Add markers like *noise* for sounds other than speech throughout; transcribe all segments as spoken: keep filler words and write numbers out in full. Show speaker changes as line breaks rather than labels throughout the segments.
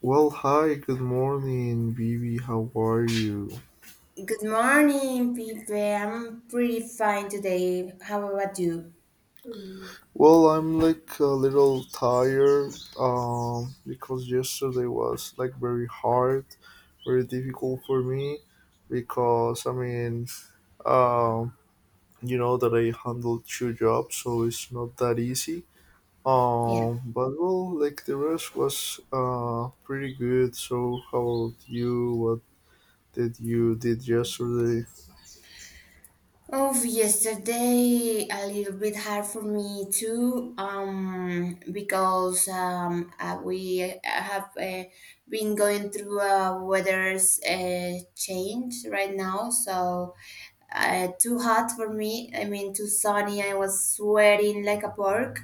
Well, hi, good morning, Vivi. How are you?
Good morning, people. I'm pretty fine today. How about you?
Well, I'm like a little tired, um, because yesterday was like very hard, very difficult for me because I mean, um, you know that I handled two jobs, so it's not that easy.
Yeah.
Um, but well, like the rest was uh, pretty good. So, how about you? What did you did yesterday?
Oh, yesterday a little bit hard for me too. Um, because um, uh, we uh, have uh, been going through a weather's uh, change right now, so uh, too hot for me. I mean, too sunny. I was sweating like a pork.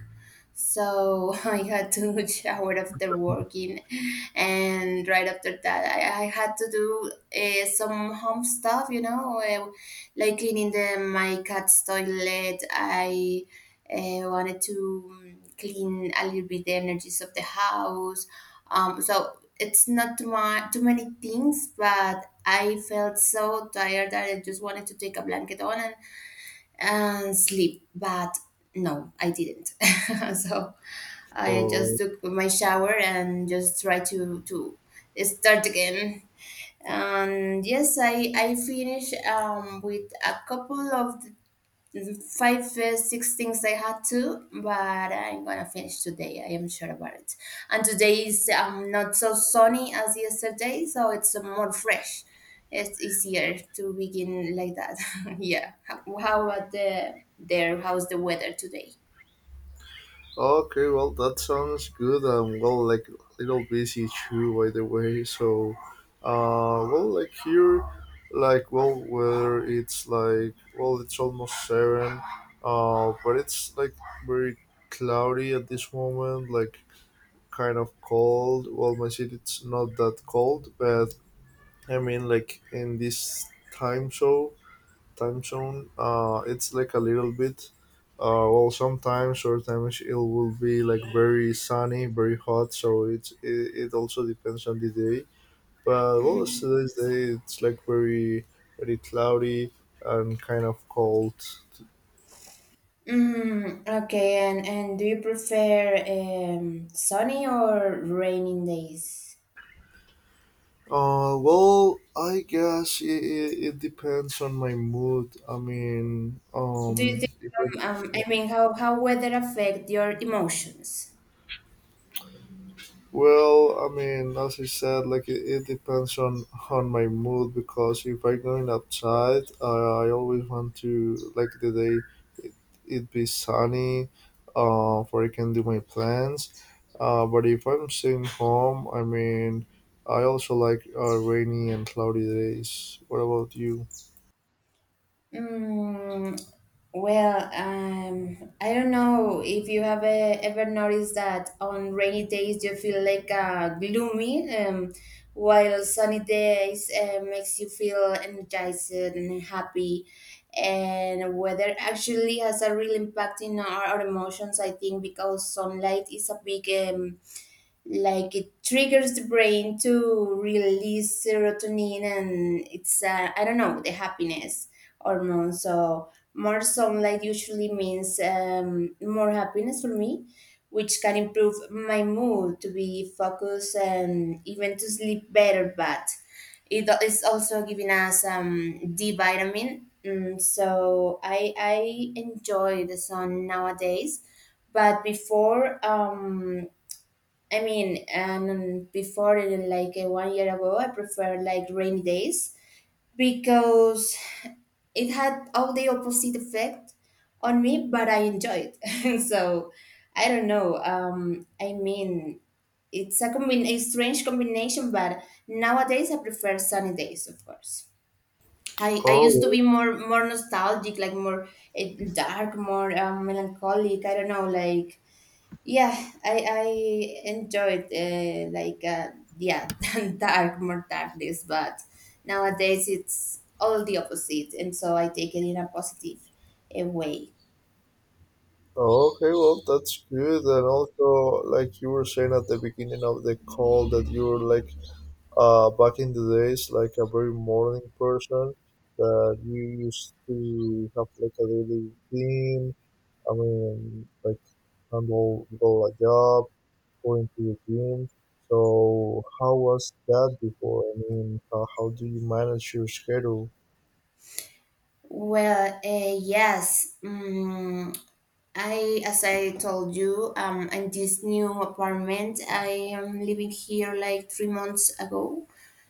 So *laughs* I had to *laughs* shower after working, and right after that, I, I had to do uh, some home stuff, you know, uh, like cleaning the my cat's toilet. I uh, wanted to um, clean a little bit the energies of the house. Um, so it's not too, ma- too many things, but I felt so tired that I just wanted to take a blanket on and sleep. But no, I didn't. *laughs* So I just took my shower and just try to to start again. And yes, I I finish um, with a couple of five uh, six things I had to, but I'm gonna finish today. I am sure about it. And today is um, not so sunny as yesterday, so it's uh, more fresh. It's easier to begin like that. *laughs* Yeah. How, how about the there how's the weather today?
Okay, well, that sounds good and, well, like a little busy too, by the way. So, uh, well, like here, like, well, where it's, like, well, it's almost seven, uh, but it's like very cloudy at this moment, like kind of cold. Well, my city it's not that cold, but I mean, like, in this time zone time zone. Uh, it's like a little bit. Uh, well, sometimes or times it will be like very sunny, very hot. So it's it, it also depends on the day. But well, it's today's day it's like very very cloudy and kind of cold.
Mm, okay, and, and do you prefer um, sunny or raining days?
Uh, well, I guess it, it, it depends on my mood. I mean,
Do you
um,
think,
if I
um, um, I mean, how, how weather affect your emotions?
Well, I mean, as you said, like it, it depends on on my mood because if I'm going outside, I, I always want to like the day it be sunny, uh, where I can do my plans. Uh, but if I'm staying home, I mean, I also like uh, rainy and cloudy days. What about you?
Mm, well, um, I don't know if you have eh, ever noticed that on rainy days you feel like uh, gloomy, um, while sunny days uh, makes you feel energized and happy. And weather actually has a real impact in our, our emotions, I think, because sunlight is a big um, like it triggers the brain to release serotonin, and it's uh, I don't know, the happiness hormone. So more sunlight usually means um, more happiness for me, which can improve my mood to be focused and even to sleep better. But it is also giving us um, d vitamin. Mm, so I, I enjoy the sun nowadays, but before um, I mean, and before in like uh, one year ago, I preferred like rainy days because it had all the opposite effect on me, but I enjoyed. *laughs* So I don't know. Um, I mean, it's a combin a strange combination, but nowadays I prefer sunny days, of course. I, I
Oh,
used to
well-
be more more nostalgic, like more uh, dark, more um, melancholic. I don't know, like yeah, I I enjoyed uh, like uh, yeah, *laughs* than dark more darkness, but nowadays it's all the opposite, and so I take it in a positive uh, way.
oh, okay. Well, that's good. And also, like you were saying at the beginning of the call, that you were like, uh, back in the days, like a very morning person, that you used to have like a daily routine. I mean, like handle go a job, going to the gym. So how was that before? I mean, how, how do you manage your schedule?
Well, uh, yes, um, I as I told you, um, in this new apartment, I am living here like three months ago,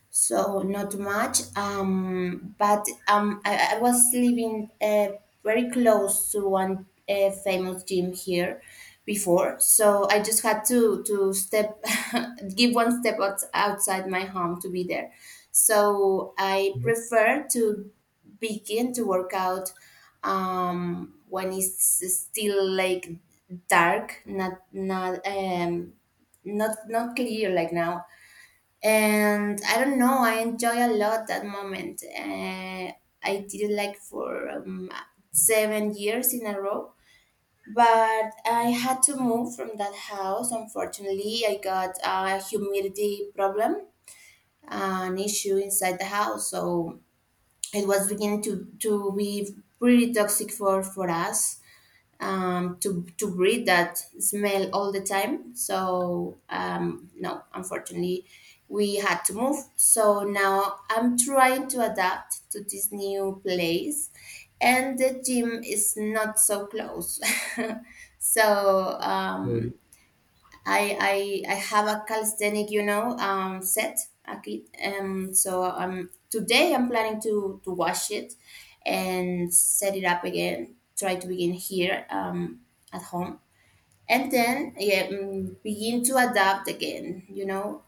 so not much. Um, but um, I, I was living uh, very close to one uh, famous gym here before, so I just had to to step, *laughs* give one step out, outside my home to be there. So I prefer to begin to work out um, when it's still like dark, not not um, not not clear like now. And I don't know, I enjoy a lot that moment. Uh, I did it like for um, seven years in a row, but I had to move from that house. Unfortunately, I got a humidity problem, an issue inside the house, so it was beginning to to be pretty toxic for for us um, to to breathe that smell all the time. So um, no, unfortunately, we had to move. So now I'm trying to adapt to this new place, and the gym is not so close. *laughs* so
Okay.
um, I I I have a calisthenic, you know, um, set. A kit- Um, so um, Today I'm planning to to wash it and set it up again. Try to begin here um, at home, and then yeah, mm, begin to adapt again. You know,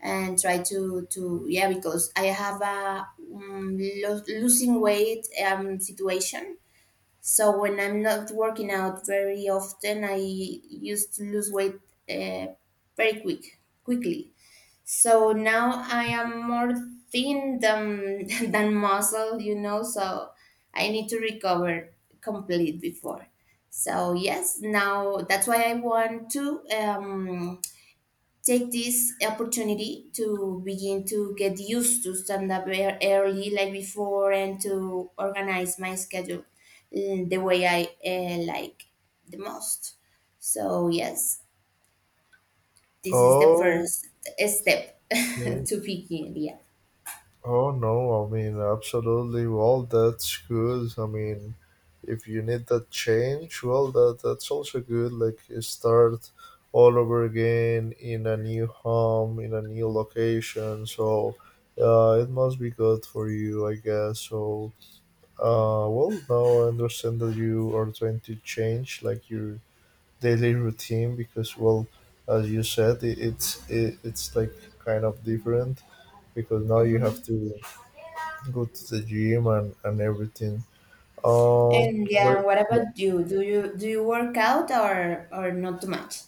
and try to to yeah, because I have a um, lo- losing weight um situation. So when I'm not working out very often, I used to lose weight uh, very quick, quickly. So now I am more thin than *laughs* than muscle, you know. So I need to recover complete before. So yes, now that's why I want to um, take this opportunity to begin to get used to stand up ear- early like before and to organize my schedule mm, the way i uh, like the most. So yes, this is the
Oh,
first step. *laughs*
okay.
To begin, yeah.
Oh no, I mean, absolutely. Well, that's good. I mean, if you need that change, well, that that's also good. Like, you start all over again in a new home, in a new location. So, uh, it must be good for you, I guess. So, uh, well, now I understand that you are trying to change like your daily routine because, well, as you said, it, it's it, it's like kind of different because now you have
Hmm.
to go to the gym, and, and everything. Um,
And yeah,
but
what
yeah.
about you, do you do you work out or or not too much?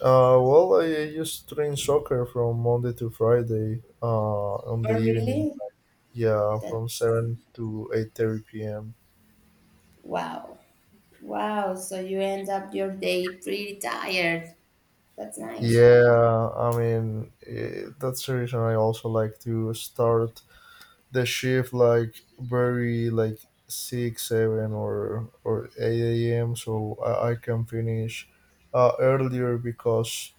uh, Well, I used to train soccer from Monday to Friday, uh, on the
Oh
evening.
really?
Yeah, from
That's
seven to eight thirty p m.
wow. Wow, so you end up your day pretty tired. That's nice.
Yeah, I mean, eh, that's the reason I also like to start the shift like, very like, six, seven, or or eight a m. So I, I can finish uh, earlier because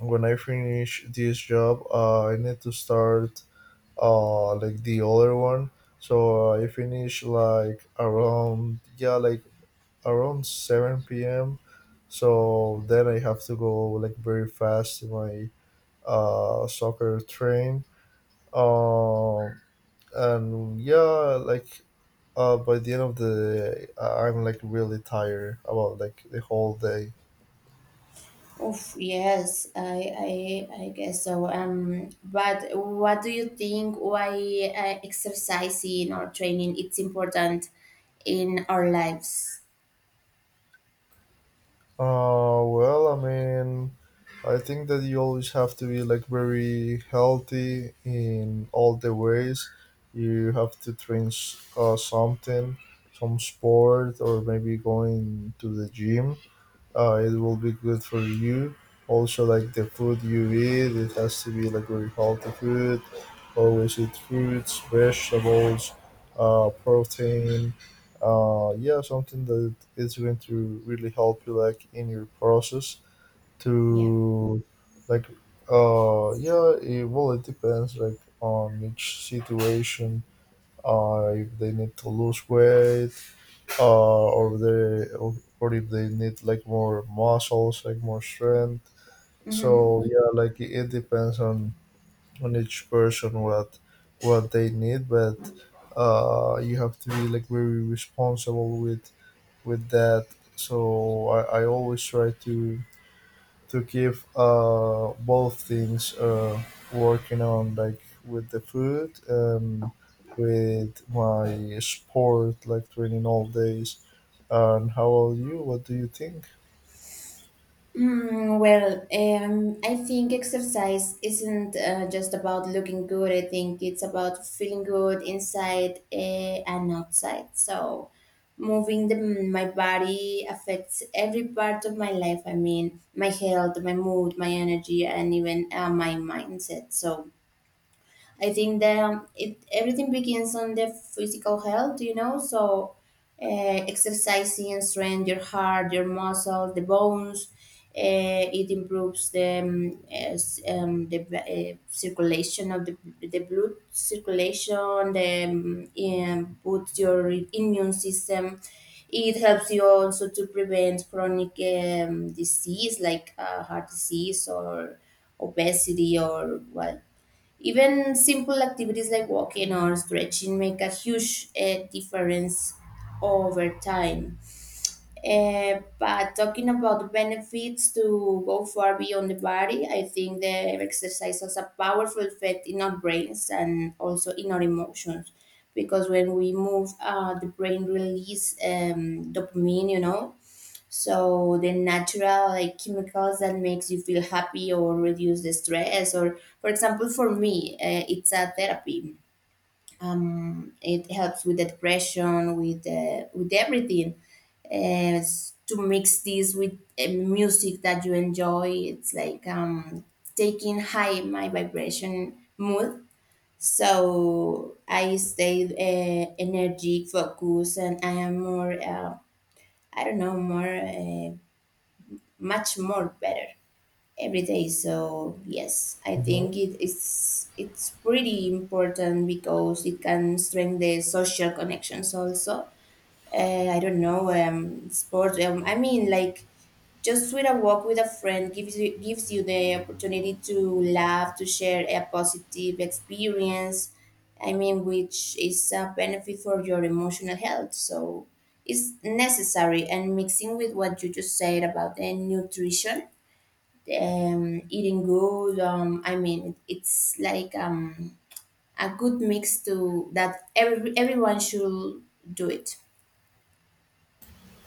when I finish this job, uh, I need to start uh like the other one. So uh, I finish like around, yeah, like around seven p m. So then I have to go like very fast to my uh soccer train. Um and, yeah, like uh by the end of the day, I- I'm like really tired about like the whole day.
Oof, yes, I, I, I guess so. Um, but what do you think? Why uh, exercising or training it's important in our lives?
Uh, well, I mean, I think that you always have to be like very healthy in all the ways. You have to train s- uh, something, some sport, or maybe going to the gym, uh, it will be good for you. Also, like the food you eat, it has to be like very healthy food. Always eat fruits, vegetables, uh, protein. Uh, yeah, something that is going to really help you like in your process
Yeah.
to, like, uh yeah, it, well, it depends like on each situation, uh, if they need to lose weight, uh, or they or or if they need like more muscles, like more strength. So
Mhm.
yeah, like it, it depends on on each person what what they need, but uh, you have to be like very responsible with with that. So I, I always try to to keep uh both things uh working on, like with the food and with my sport like training all days. And how about you? What do you think?
Mm, well, um, I think exercise isn't uh, just about looking good. I think it's about feeling good inside uh, and outside. So, moving the, my body affects every part of my life. I mean, my health, my mood, my energy, and even uh, my mindset. So, I think that um, it everything begins on the physical health, you know. So, uh, exercising strengthens your heart, your muscle, the bones. Uh, it improves the um, as, um, the uh, circulation of the the blood circulation. The um, um, puts your immune system. It helps you also to prevent chronic um, disease like uh, heart disease or obesity, or what, even simple activities like walking or stretching make a huge uh, difference over time. Uh, but talking about the benefits to go far beyond the body, I think the exercise has a powerful effect in our brains and also in our emotions. Because when we move, uh, the brain release um, dopamine, you know, so the natural like chemicals that makes you feel happy or reduce the stress. Or for example, for me, uh, it's a therapy. Um, it helps with the depression, with uh, with everything. uh, s- to mix this with uh, music that you enjoy, it's like um, taking high my vibration mood. So I stay uh, energy focused, and I am more uh, I don't know, more. Uh, much more better every day. So yes, I
Hmm,
think it is it's pretty important because it can strengthen the social connections also. Uh, I don't know, um, sport. Um, I mean, like just with a walk with a friend gives you gives you the opportunity to laugh, to share a positive experience. I mean, which is a benefit for your emotional health. So it's necessary. And mixing with what you just said about the nutrition, um, eating good. Um, I mean, it, it's like um, a good mix to that every, everyone should do it.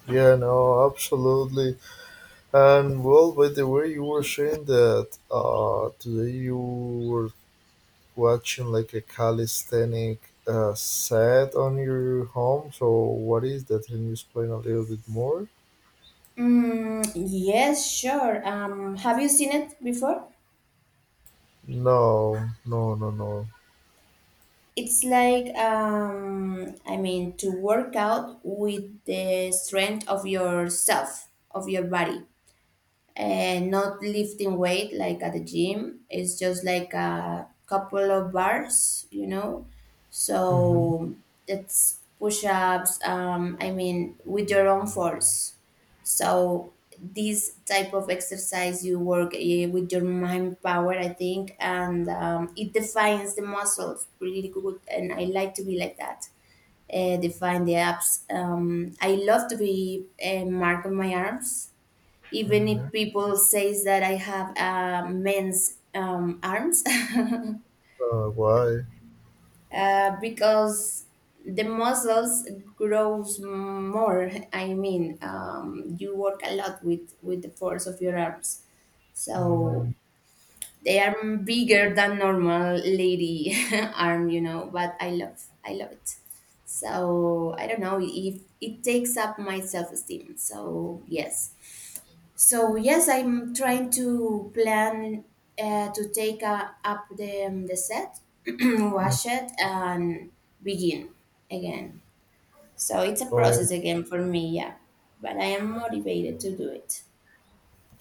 yeah, no, absolutely. And well, by the way, you were saying that uh today you were watching like a calisthenic uh set on your home, so what is that? Can you explain a little bit more?
Mm, yes, sure. Um, have you seen it before?
No, no, no, no.
It's like um, I mean, to work out with the strength of yourself, of your body, and not lifting weight like at the gym. It's just like a couple of bars, you know.
hmm
So it's push ups. Um, I mean, with your own force. So this type of exercise you work eh, with your mind power, I think, and um, it defines the muscles really good. And I like to be like that. Uh, define the abs. Um, I love to be uh, marking my arms, even if people says that I have uh, men's um, arms, *laughs*
Uh, why?
uh, because the muscles grows more. I mean, um, you work a lot with with the force of your arms, so
Mm,
they are bigger than normal lady *laughs* arm, you know. But I love I love it. So I don't know if it takes up my self esteem. So yes. So yes, I'm trying to plan uh, to take uh, up the um, the set, *clears throat* wash it, and begin again. So it's a
um,
process again for me, yeah. But I am motivated to do it.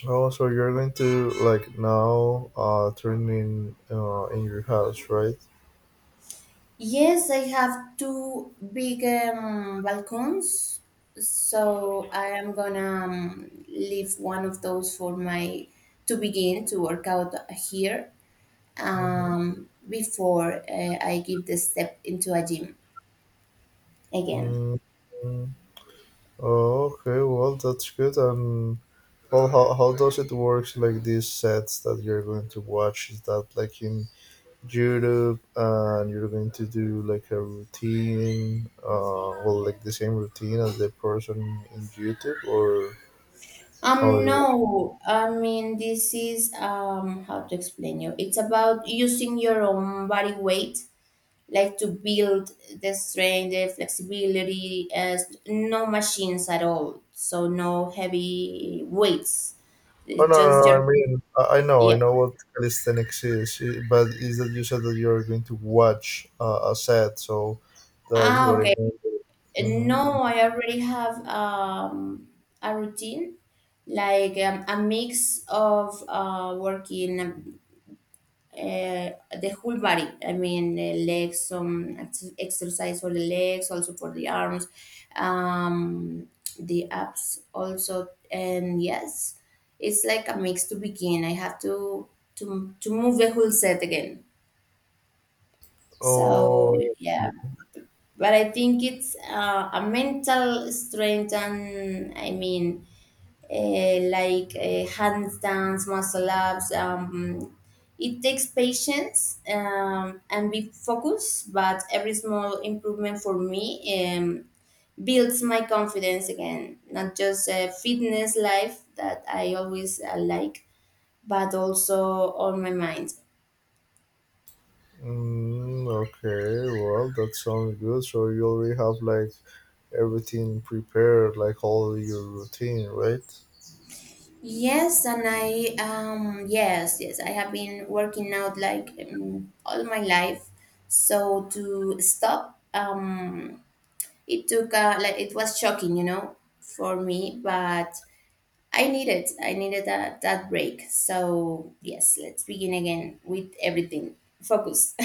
oh, so you're going to like now uh turn in, uh in your house, right?
Yes, I have two big um, balcons, so I am gonna um, leave one of those for my to begin to work out here,
Mm-hmm.
um, before uh, I give the step into a gym again.
Mm. Mm. Oh, okay. Well, that's good. Um, well, how how does it work? Like these sets that you're going to watch, is that like in YouTube, and you're going to do like a routine, uh, well, like the same routine as the person in YouTube, or how
Um,
it works?
no, I mean, this is um, how to explain you. It's about using your own body weight, like to build the strength, the flexibility, as no machines at all. So no heavy weights.
Oh
It's
no, no,
just
no,
your,
I mean, I, I know, I
yeah.
know, what calisthenics is, i- but is that you said that you're going to watch uh, a set, so that's
Ah,
what
okay.
it means. Mm-hmm.
No, I already have um, a routine, like um, a mix of uh, working um, uh, the whole body. I mean, uh, legs, some ex- exercise for the legs, also for the arms, um, the abs also. And yes, it's like a mix to begin. I have to to to move the whole set again.
Oh,
So yeah, but I think it's uh, a mental strength, and I mean uh, like uh, handstands, muscle ups. Um, it takes patience um, and big focus, but every small improvement for me um, builds my confidence again. Not just a fitness life that I always uh, like, but also on my mind.
mm, okay. Well, that sounds good. So you already have like everything prepared, like all your routine, right?
Yes, and I um yes, yes, I have been working out like um, all my life. So to stop um it took uh, like it was shocking, you know, for me, but I needed I needed that that break. So yes, let's begin again with everything. Focus. *laughs*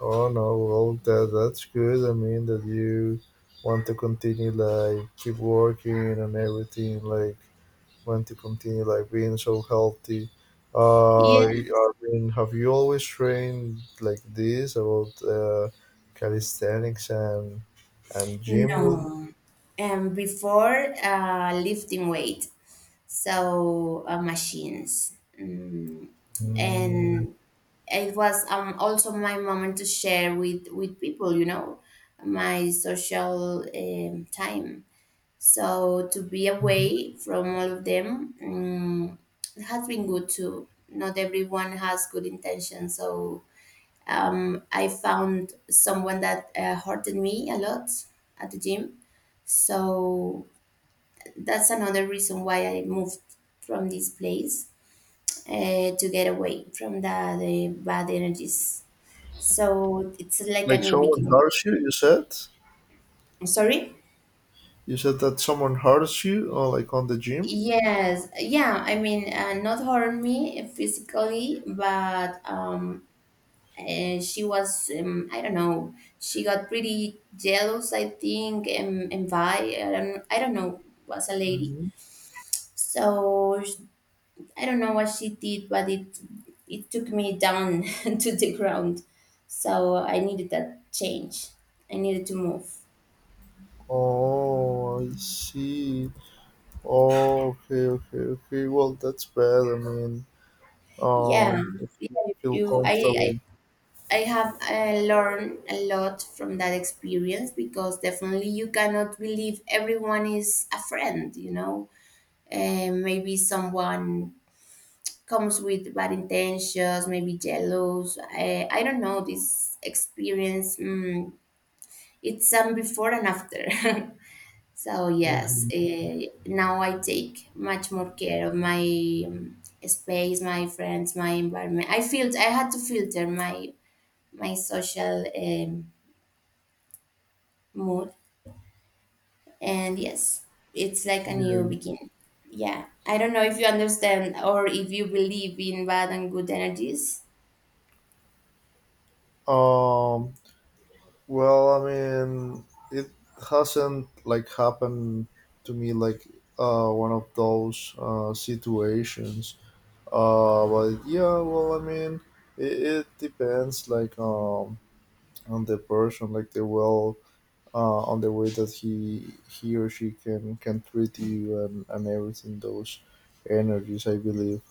Oh no, well that that's good. I mean that you want to continue, like keep working and everything, like want to continue like being so healthy. Uh,
Yeah.
I mean, have you always trained like this about uh, calisthenics and and gym? Will
No. Um before uh lifting weight. So uh, machines. Mm
mm
and it was um, also my moment to share with with people, you know, my social um, time, so to be away from all of them, um, it has been good too. Not everyone has good intentions, so um, I found someone that uh, hurted me a lot at the gym, so that's another reason why I moved from this place, uh, to get away from the, the bad energies. So it's like a
like,
new
someone
beginning.
hurts you? You said
Sorry?
you said that someone hurts you, or like on the gym.
Yes, yeah. I mean, uh, not harm me physically, but um, uh, she was um, I don't know. She got pretty jealous, I think, and and by I don't, I don't know, was a lady.
Hmm.
So sh- I don't know what she did, but it it took me down *laughs* to the ground. So I needed that change. I needed to move.
Oh, I see. Oh, okay, okay, okay. Well, that's bad. I mean,
Yeah,
um, if
yeah.
you don't feel
You, I,
comfortable.
I have uh, learned a lot from that experience, because definitely you cannot believe everyone is a friend, you know. Uh, maybe someone comes with bad intentions, maybe jealous. I, I don't know. This experience, mm, it's some before and after. *laughs* So, yes,
Hmm,
uh, now I take much more care of my um, space, my friends, my environment. I feel I had to filter my my social. Um, mood. And yes, it's like a new
yeah.
beginning. Yeah. I don't know if you understand or if you believe in bad and good energies.
Um, Well, I mean, it hasn't like happened to me, like uh, one of those uh, situations. Uh, but yeah, well, I mean, it, it depends like, um, on the person, like, the well, uh, on the way that he he or she can can treat you and and everything. Those energies, I believe.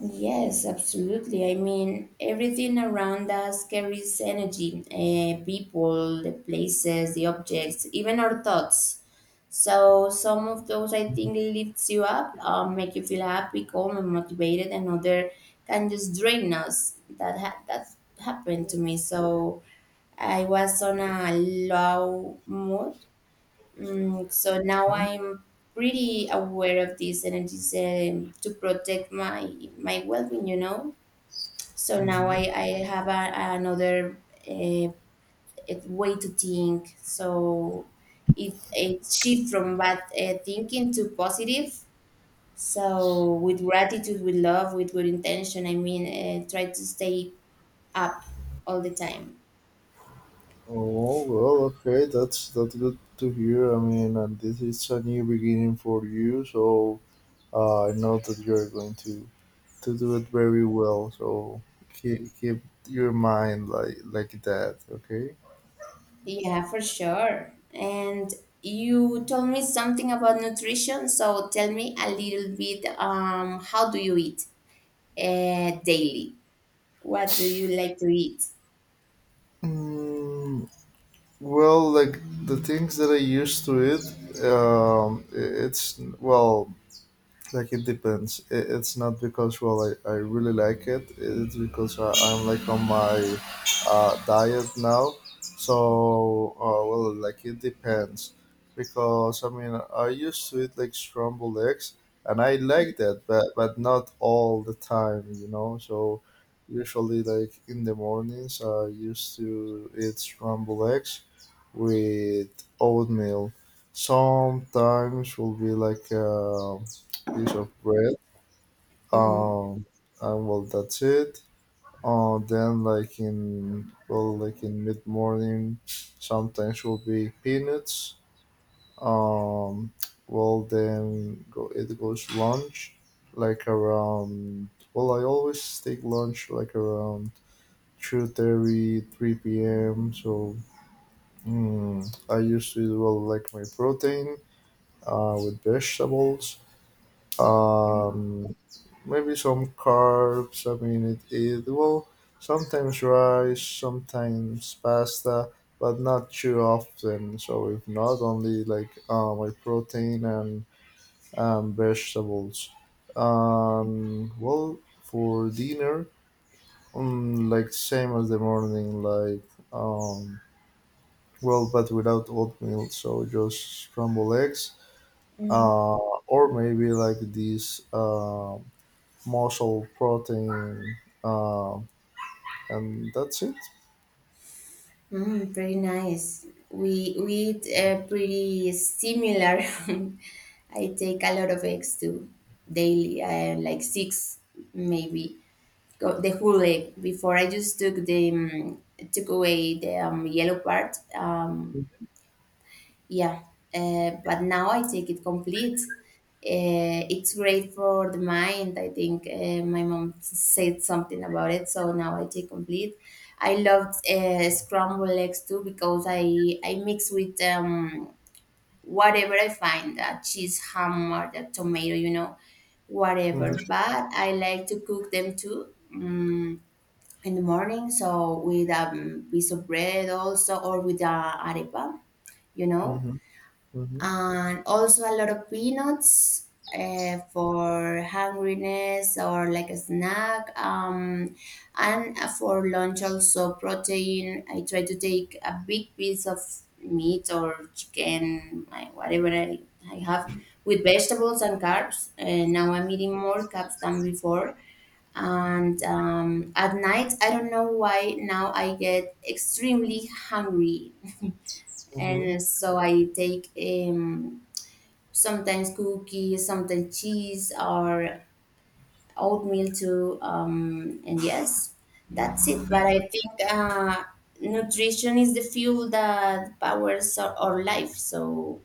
Yes, absolutely. I mean, everything around us carries energy, uh, people, the places, the objects, even our thoughts. So some of those, I think, lifts you up, um, make you feel happy, calm, and motivated, and other can just drain us. That ha- that happened to me. So I was on a low mood. Mm, so now I'm pretty aware of these energies um, to protect my my well-being. You know, so now I
Mhm.
I have a, another uh, way to think. So it it shift from bad uh, thinking to positive. So with gratitude, with love, with good intention. I mean, uh, try to stay up all the time.
Oh well, okay, that's that's good to hear. I mean, and this is a new beginning for you, so uh, I know that you're going to to do it very well. So keep keep your mind like like that, okay?
Yeah, for sure. And you told me something about nutrition, so tell me a little bit, um, how do you eat uh, daily? What do you like to eat?
Mm, well, like the things that I used to it, um, i- it's, well, like it depends. I- it's not because, well, i, I really like it, it's because, I, i'm like on my uh, diet now. So uh, well, like it depends, because I mean, I used to eat like scrambled eggs and I like that, but but not all the time, you know so usually, like in the mornings, I used to eat scrambled eggs with oatmeal. Sometimes will be like um piece of bread.
Mm-hmm.
Um, and well, that's it. Uh, then like, in, well, like in mid morning, sometimes will be peanuts. Um, well, then go it goes lunch, like around. Well, I always take lunch like around two thirty, three p m. So, mm, I used to do, well, like my protein uh, with vegetables. Um, Maybe some carbs. I mean, it, it will sometimes rice, sometimes pasta, but not too often. So if not, only like uh, my protein and and vegetables. Um, well, for dinner, um, like same as the morning, like, um, well, but without oatmeal. So just scrambled eggs.
Mm-hmm.
Uh, or maybe like these. Um, muscle protein, um, and that's it.
Mm, pretty nice. We we eat uh, pretty similar. *laughs* I take a lot of eggs too daily, I like six maybe. Go, the whole egg. Before I just took the um, took away the um, yellow part. Um, Yeah, uh, but now I take it complete. Uh, it's great for the mind. I think uh, my mom said something about it, so now I take complete. I love uh, scrambled eggs too, because I I mix with um, whatever I find, that cheese, ham, or the tomato, you know,
Mm-hmm,
whatever. But I like to cook them too. Mm, in the morning, so with a um, piece of bread also, or with a arepa, you know,
mm-hmm, mm-hmm,
and also a lot of peanuts uh, for hungriness or like a snack, um, and for lunch also protein, I try to take a big piece of meat or chicken, uh, whatever i, I have, with vegetables and carbs. Uh, now I'm eating more carbs than before, and um, at night I don't know why now I get extremely hungry,
mm-hmm,
and so I take, um, sometimes cookies, sometimes cheese or oatmeal too. Um, and yes, that's it. But I think uh, nutrition is the fuel that powers our, our life. So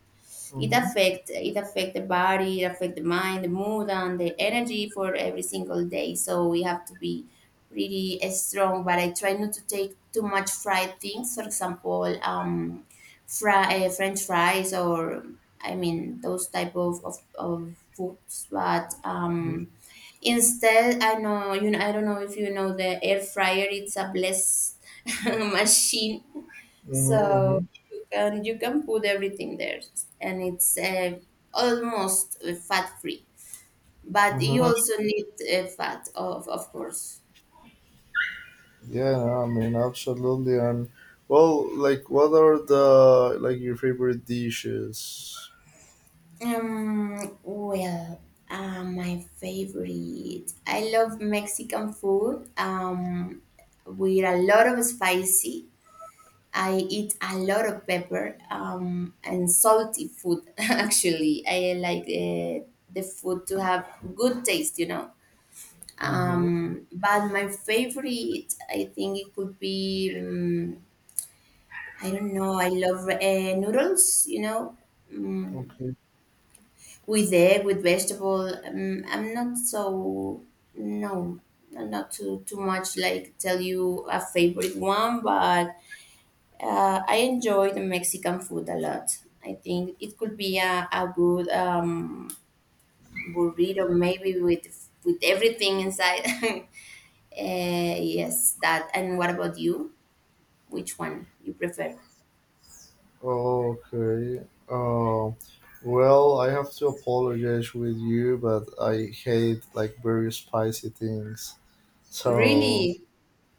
it
mm-hmm,
affect it affect the body, it affect the mind, the mood, and the energy for every single day, so we have to be pretty strong. But I try not to take too much fried things, for example, um fry, uh, french fries or, I mean, those type of, of, of foods. But um instead i know you know i don't know if you know the air fryer. It's a blessed *laughs* machine. So
mm-hmm,
you can you can put everything there, and it's uh, almost fat free. But you
mm-hmm.
also need uh, fat, of of course.
Yeah, no, I mean, absolutely. And well, like, what are the, like, your favorite dishes?
Um, well, uh, my favorite. I love Mexican food. Um, with a lot of spicy. I eat a lot of pepper. Um, and salty food. *laughs* Actually, I like uh, the food to have good taste. You know.
Mm-hmm.
Um, but my favorite, I think it could be, um, I don't know, I love uh, noodles, you know, um,
Okay.
with egg, with vegetable. Um, I'm not so, no, I'm not too, too much like tell you a favorite one, but uh, I enjoy the Mexican food a lot. I think it could be a, a good um, burrito, maybe with with everything inside. *laughs* Uh, yes, that. And what about you? Which one you prefer?
Okay. Uh, well, I have to apologize with you, but I hate like very spicy things. So,
Really?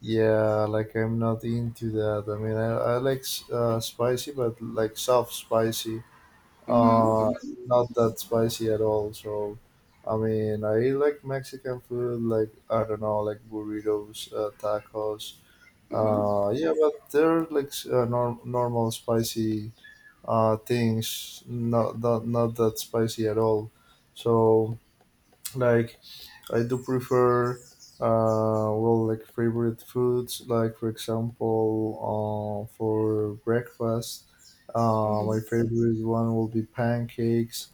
yeah, like I'm not into that. I mean, I, I like, s- uh, spicy, but like soft spicy, uh,
Mm-hmm,
not that spicy at all. So, I mean, I like Mexican food, like, I don't know, like burritos, uh, tacos.
mm-hmm, mm-hmm,
Uh, yeah, but they're like, s- uh, norm- normal spicy uh, things, not, not not that spicy at all. So, like, I do prefer, uh, well, like favorite foods, like for example, uh, for breakfast, uh,
mm-hmm.
my favorite one will be pancakes.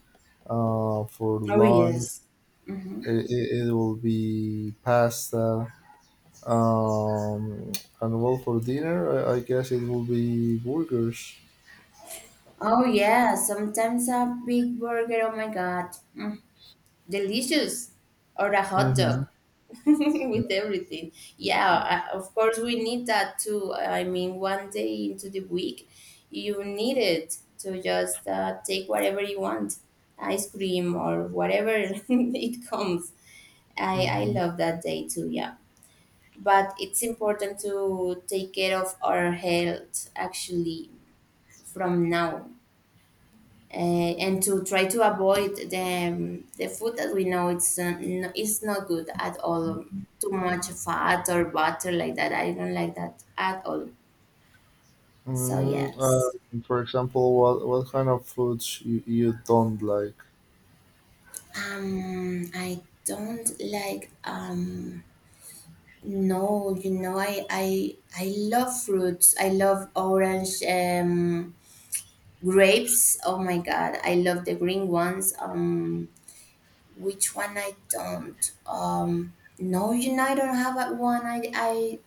Uh, for
Oh,
lunch,
yes. Mm-hmm.
it, it, it will be pasta. Um, and well, for dinner, I, I guess it will be burgers.
Oh, yeah. Sometimes a big burger. Oh, my God. Delicious. Or a hot
hmm
dog. *laughs* With everything. Yeah, uh, of course we need that too. I mean, one day into the week, you need it to just uh, take whatever you want, ice cream or whatever *laughs* it comes. I I
hmm
love that day too. Yeah, but it's important to take care of our health actually from now, uh, and to try to avoid the, um, the food that we know it's uh, n- it's not good at all. Too much fat or butter like that. I don't like that at all. So
Mm, uh,
yes,
for example, what what kind of foods you, you don't like?
um, I don't like um. No, you know, I I I love fruits. I love orange, um grapes. Oh my God, I love the green ones. Um, Which one I don't. Um, no, you know, I don't have a- one I, I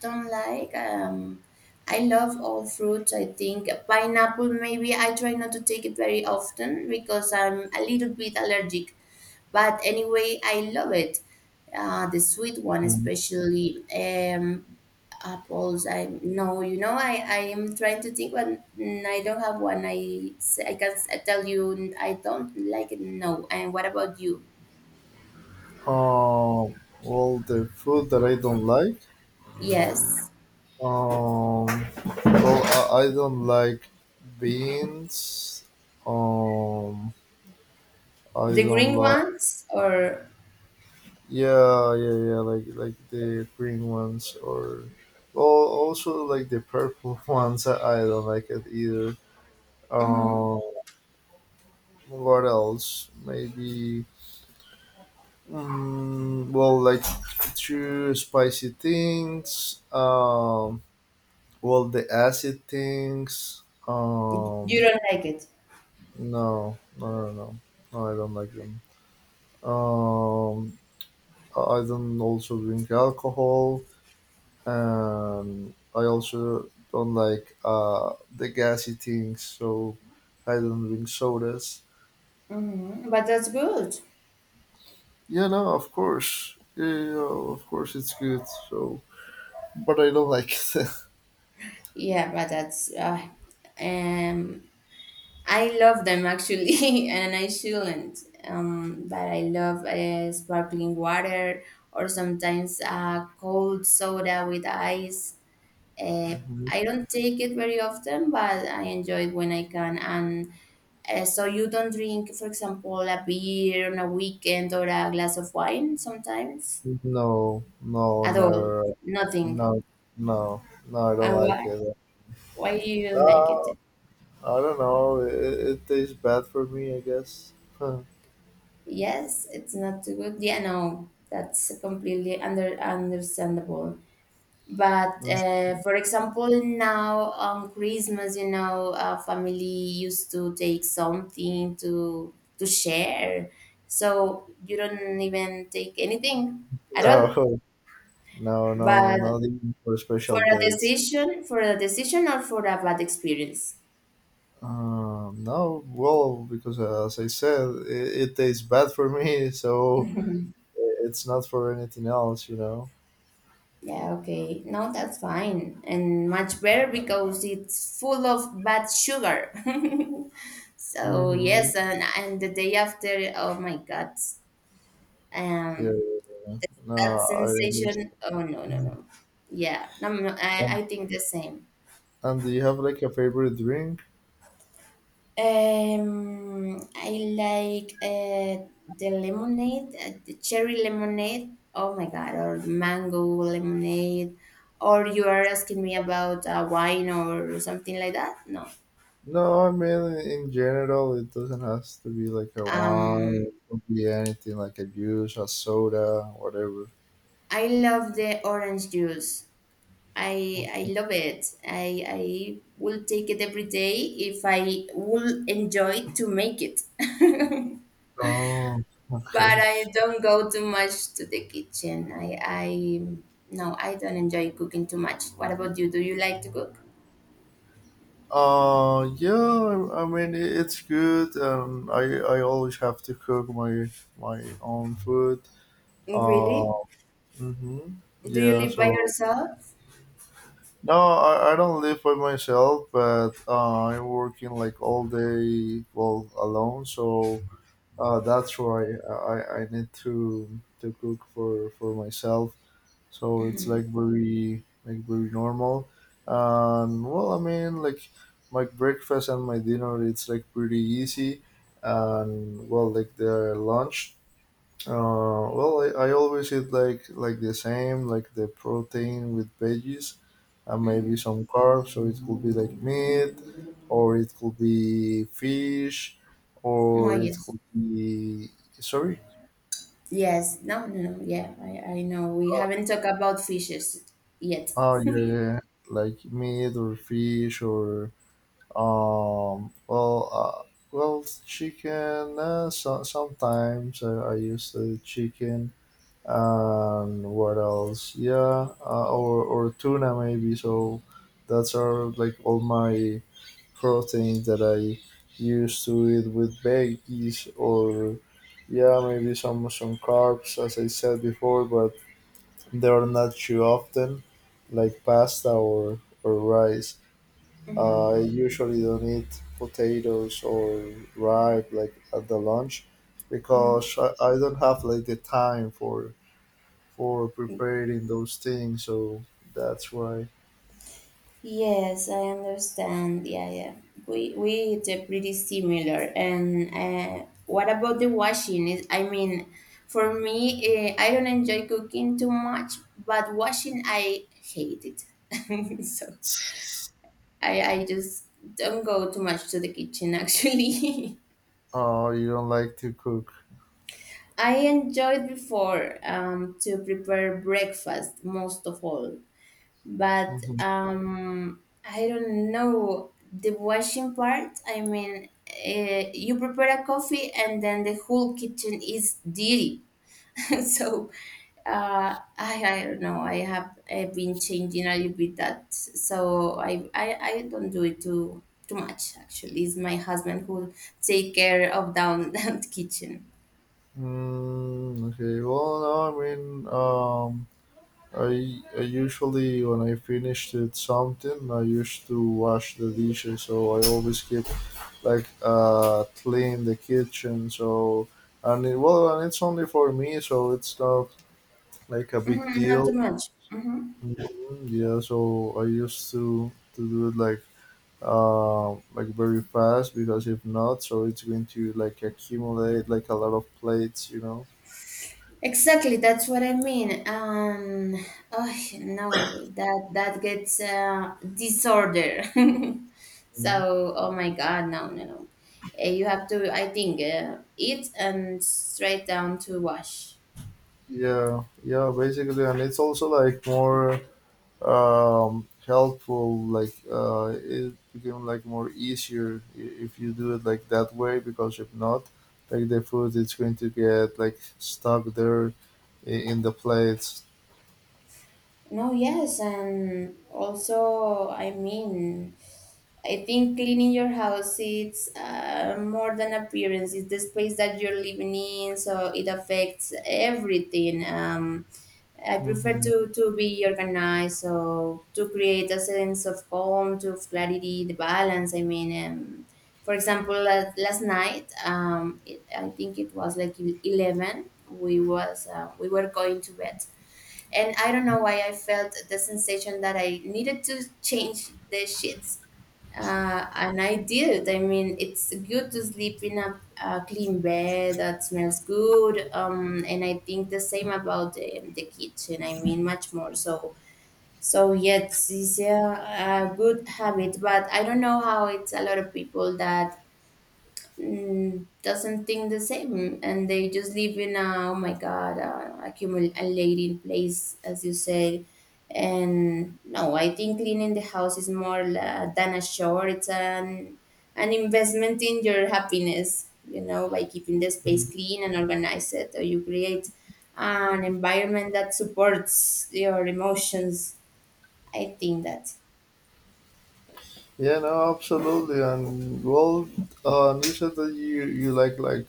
don't like. Um, I love all fruits. I think pineapple, maybe I try not to take it very often because I'm a little bit allergic. But anyway, I love it. Uh, the sweet one, especially um, apples. I No, you know, I, I am trying to think, but mm, I don't have one. I, s- I can s- I tell you, I don't like it. No. And what about you?
Um, well, the food that I don't like.
Yes,
Um, well, I, I don't like beans. Um, I
the
don't
green
like.
ones, or
Yeah, yeah, yeah. Like like the green ones, or, well, also like the purple *laughs* ones. I, I don't like it either.
hmm,
Um, what else? Maybe. Mm, well, like too spicy things. Um, Well, the acid things.
you
Um,
don't like it.
no, no, no, no, no. I don't like them. Um, I I don't also drink alcohol, and I also don't like uh the gassy things. So I don't drink sodas.
Hmm. But that's good.
Yeah, no, of course. Yeah, yeah, yeah, of course, it's good. So, but I don't like it. *laughs*
Yeah, but that's uh, um, I love them actually, *laughs* and I shouldn't. Um, but I love uh, sparkling water, or sometimes uh, cold soda with ice. Uh,
Mhm.
I don't take it very often, but I enjoy it when I can. And Uh, so you don't drink, for example, a beer on a weekend or a glass of wine sometimes,
No, no,
at all,
no,
nothing.
no, no, no. I don't
And
like
why?
it.
Why do you don't like
Ah,
it?
I don't know. It, it tastes bad for me, I guess. *laughs* No,
Yes, it's not too good. Yeah, no, that's completely under understandable. But uh, for example, now on Christmas, you know, our family used to take something to to share, so you don't even take anything at all.
no, no, no,
But
not even for
for
special
a
dates.
decision, for a decision or for a bad experience?
Um, no, well, because uh, as I said, it, it tastes bad for me, so it's not for anything else, you know.
Yeah, okay. No, that's fine. And much better because it's full of bad sugar. *laughs* So
Mm-hmm.
yes, and and the day after, oh my God.
Yeah,
Um
yeah. No,
that
I understand.
sensation, oh no, no, no. Yeah, no, no, I,
And,
I think the same.
and do you have like a favorite drink?
Um, I like uh, the lemonade, uh, the cherry lemonade. Oh my God, or mango lemonade. Or you are asking me about uh, wine or something like that? No.
No, I mean, in general, it doesn't have to be like a wine.
Um,
It could be anything like a juice, a soda, whatever.
I love the orange juice. I I love it. I I will take it every day if I will enjoy to make it. *laughs*
Oh,
But
okay.
I don't go too much to the kitchen. I, I no, I don't enjoy cooking too much. What about you? Do you like to cook?
Uh, yeah. I, I mean, i- it's good, and I I always have to cook my my own food. Uh,
Really?
mm-hmm.
Do you
Yeah.
live by
So
yourself?
no, I, I don't live by myself, but uh, I'm working like all day, well, alone. So uh, that's why I I I need to to cook for for myself. So it's like very, like very normal. And, well, I mean, like my breakfast and my dinner it's like pretty easy. And, well, like the lunch, uh well, i, I always eat like like the same, like the protein with veggies, and maybe some carbs. So it could be like meat, or it could be fish,
Oh
or it
yes,
could be, sorry.
yes. No, no, no. Yeah, I, I know. We haven't talked about fishes yet.
Oh, yeah, yeah. Yeah, like meat or fish, or, Um, well, uh, well, chicken. Uh, so, sometimes uh, I use the chicken. And what else? Yeah, uh, or or tuna maybe. So that's are like all my proteins that I used to eat with veggies, or, yeah, maybe some some carbs, as I said before, but they are not too often, like pasta or or rice.
Mm-hmm.
I usually don't eat potatoes or ripe like at the lunch,
Mm-hmm.
because I, I don't have like the time for for preparing those things. So that's why.
Yes, I understand. Yeah, yeah. We we they pretty similar. And uh, what about the washing? Is, I mean, for me, uh, I don't enjoy cooking too much, but washing I hate it. *laughs* So I I just don't go too much to the kitchen actually. *laughs*
Oh, you don't like to cook.
I enjoyed before um, to prepare breakfast most of all, but
hmm
um, I don't know the washing part. I mean, uh, you prepare a coffee and then the whole kitchen is dirty. *laughs* So uh, I I don't know. I have uh, been changing a little bit that, so I I, I don't do it too too much. Actually, it's my husband who take care of down *laughs* that kitchen.
Mm, okay. Well, no, I mean, um, I, I usually when I finished it something I used to wash the dishes, so I always keep like uh clean the kitchen. So, and it, well, and it's only for me, so it's not like a big
Hmm, not
deal.
too much. Hmm.
Mhm, yeah, so I used to to do it like, uh like very fast, because if not, so it's going to like accumulate like a lot of plates you know
Exactly, that's what I mean. Um, oh no, that that gets uh, disorder. *laughs*
Mhm.
So, oh my God, no, no, no. Uh, you have to, I think, uh, eat and straight down to wash.
Yeah, yeah, basically, and it's also like more um helpful, like, uh it became like more easier, i- if you do it like that way, because if not, like the food it's going to get like stuck there, i- in the plates.
No, yes, and also, I mean, I think cleaning your house it's uh, more than appearance. It's the space that you're living in, so it affects everything. Um, I prefer
Hmm,
to to be organized, so to create a sense of calm, to of clarity, the balance. I mean, um, for example, la- last night, um, it, I think it was like e-, eleven. We was uh, we were going to bed, and I don't know why I felt the sensation that I needed to change the sheets. Uh, and I did. I mean, it's good to sleep in a, a clean bed that smells good. Um, and I think the same about the, the kitchen. I mean, much more so. So yes, it's a, a good habit, but I don't know how it's a lot of people that mm, doesn't think the same and they just live in a oh my god uh, accumulating place as you say, and no, I think cleaning the house is more la- than a chore, it's an an investment in your happiness, you know. By keeping the space clean and organized, or you create an environment that supports your emotions, I think that
yeah, no, absolutely. And well, uh you said that you you like, like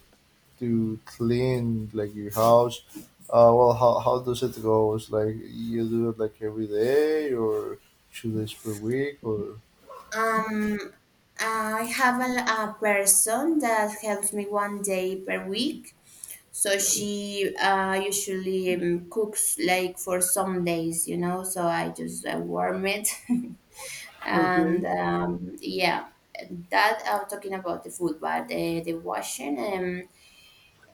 to clean like your house. Uh well, how, how does it go? It's like you do it like every day, or two days per week, or
Um, I have a, a person that helps me one day per week. So she uh, usually um, cooks like for some days, you know. So I just uh, warm it, *laughs* and
Okay.
um, yeah, that I'm talking about the food, but the, the washing. Um,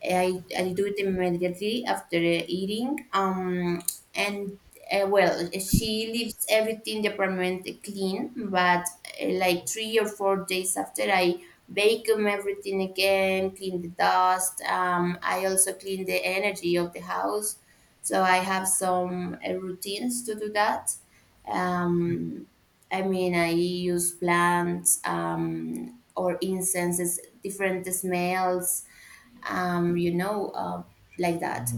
I, I do it immediately after eating. Um, and uh, well, she leaves everything the apartment clean, but uh, like three or four days after, I vacuum everything again, clean the dust. Um, I also clean the energy of the house, so I have some uh, routines to do that. Um, I mean, I use plants um, or incenses, different smells, um, you know, uh, like that.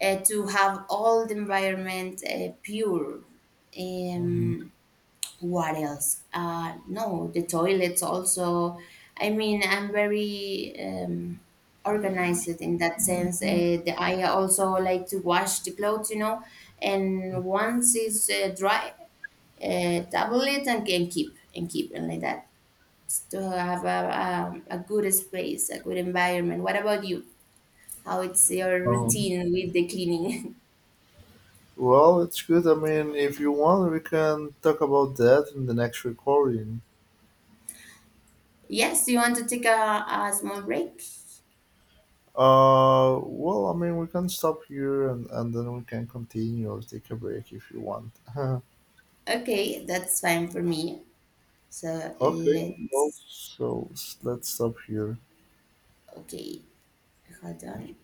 Uh, to have all the environment uh, pure. Um, what else? Uh, no, the toilets also. I mean, I'm very um, organized in that sense. Uh, the, I also like to wash the clothes, you know, and once it's uh, dry, uh, double it and can keep and keep and like that. To have a, a, a good space, a good environment. What about you? How it's your
Um,
routine with the cleaning.
Well, it's good. I mean, if you want, we can talk about that in the next recording.
*laughs* Yes, you want to take a, a small break?
Uh, well, I mean, we can stop here and, and then we can continue or take a break if you want. *laughs*
Okay, that's fine for me. So
Okay, well,
let's,
so s- let's stop here.
okay, hold on.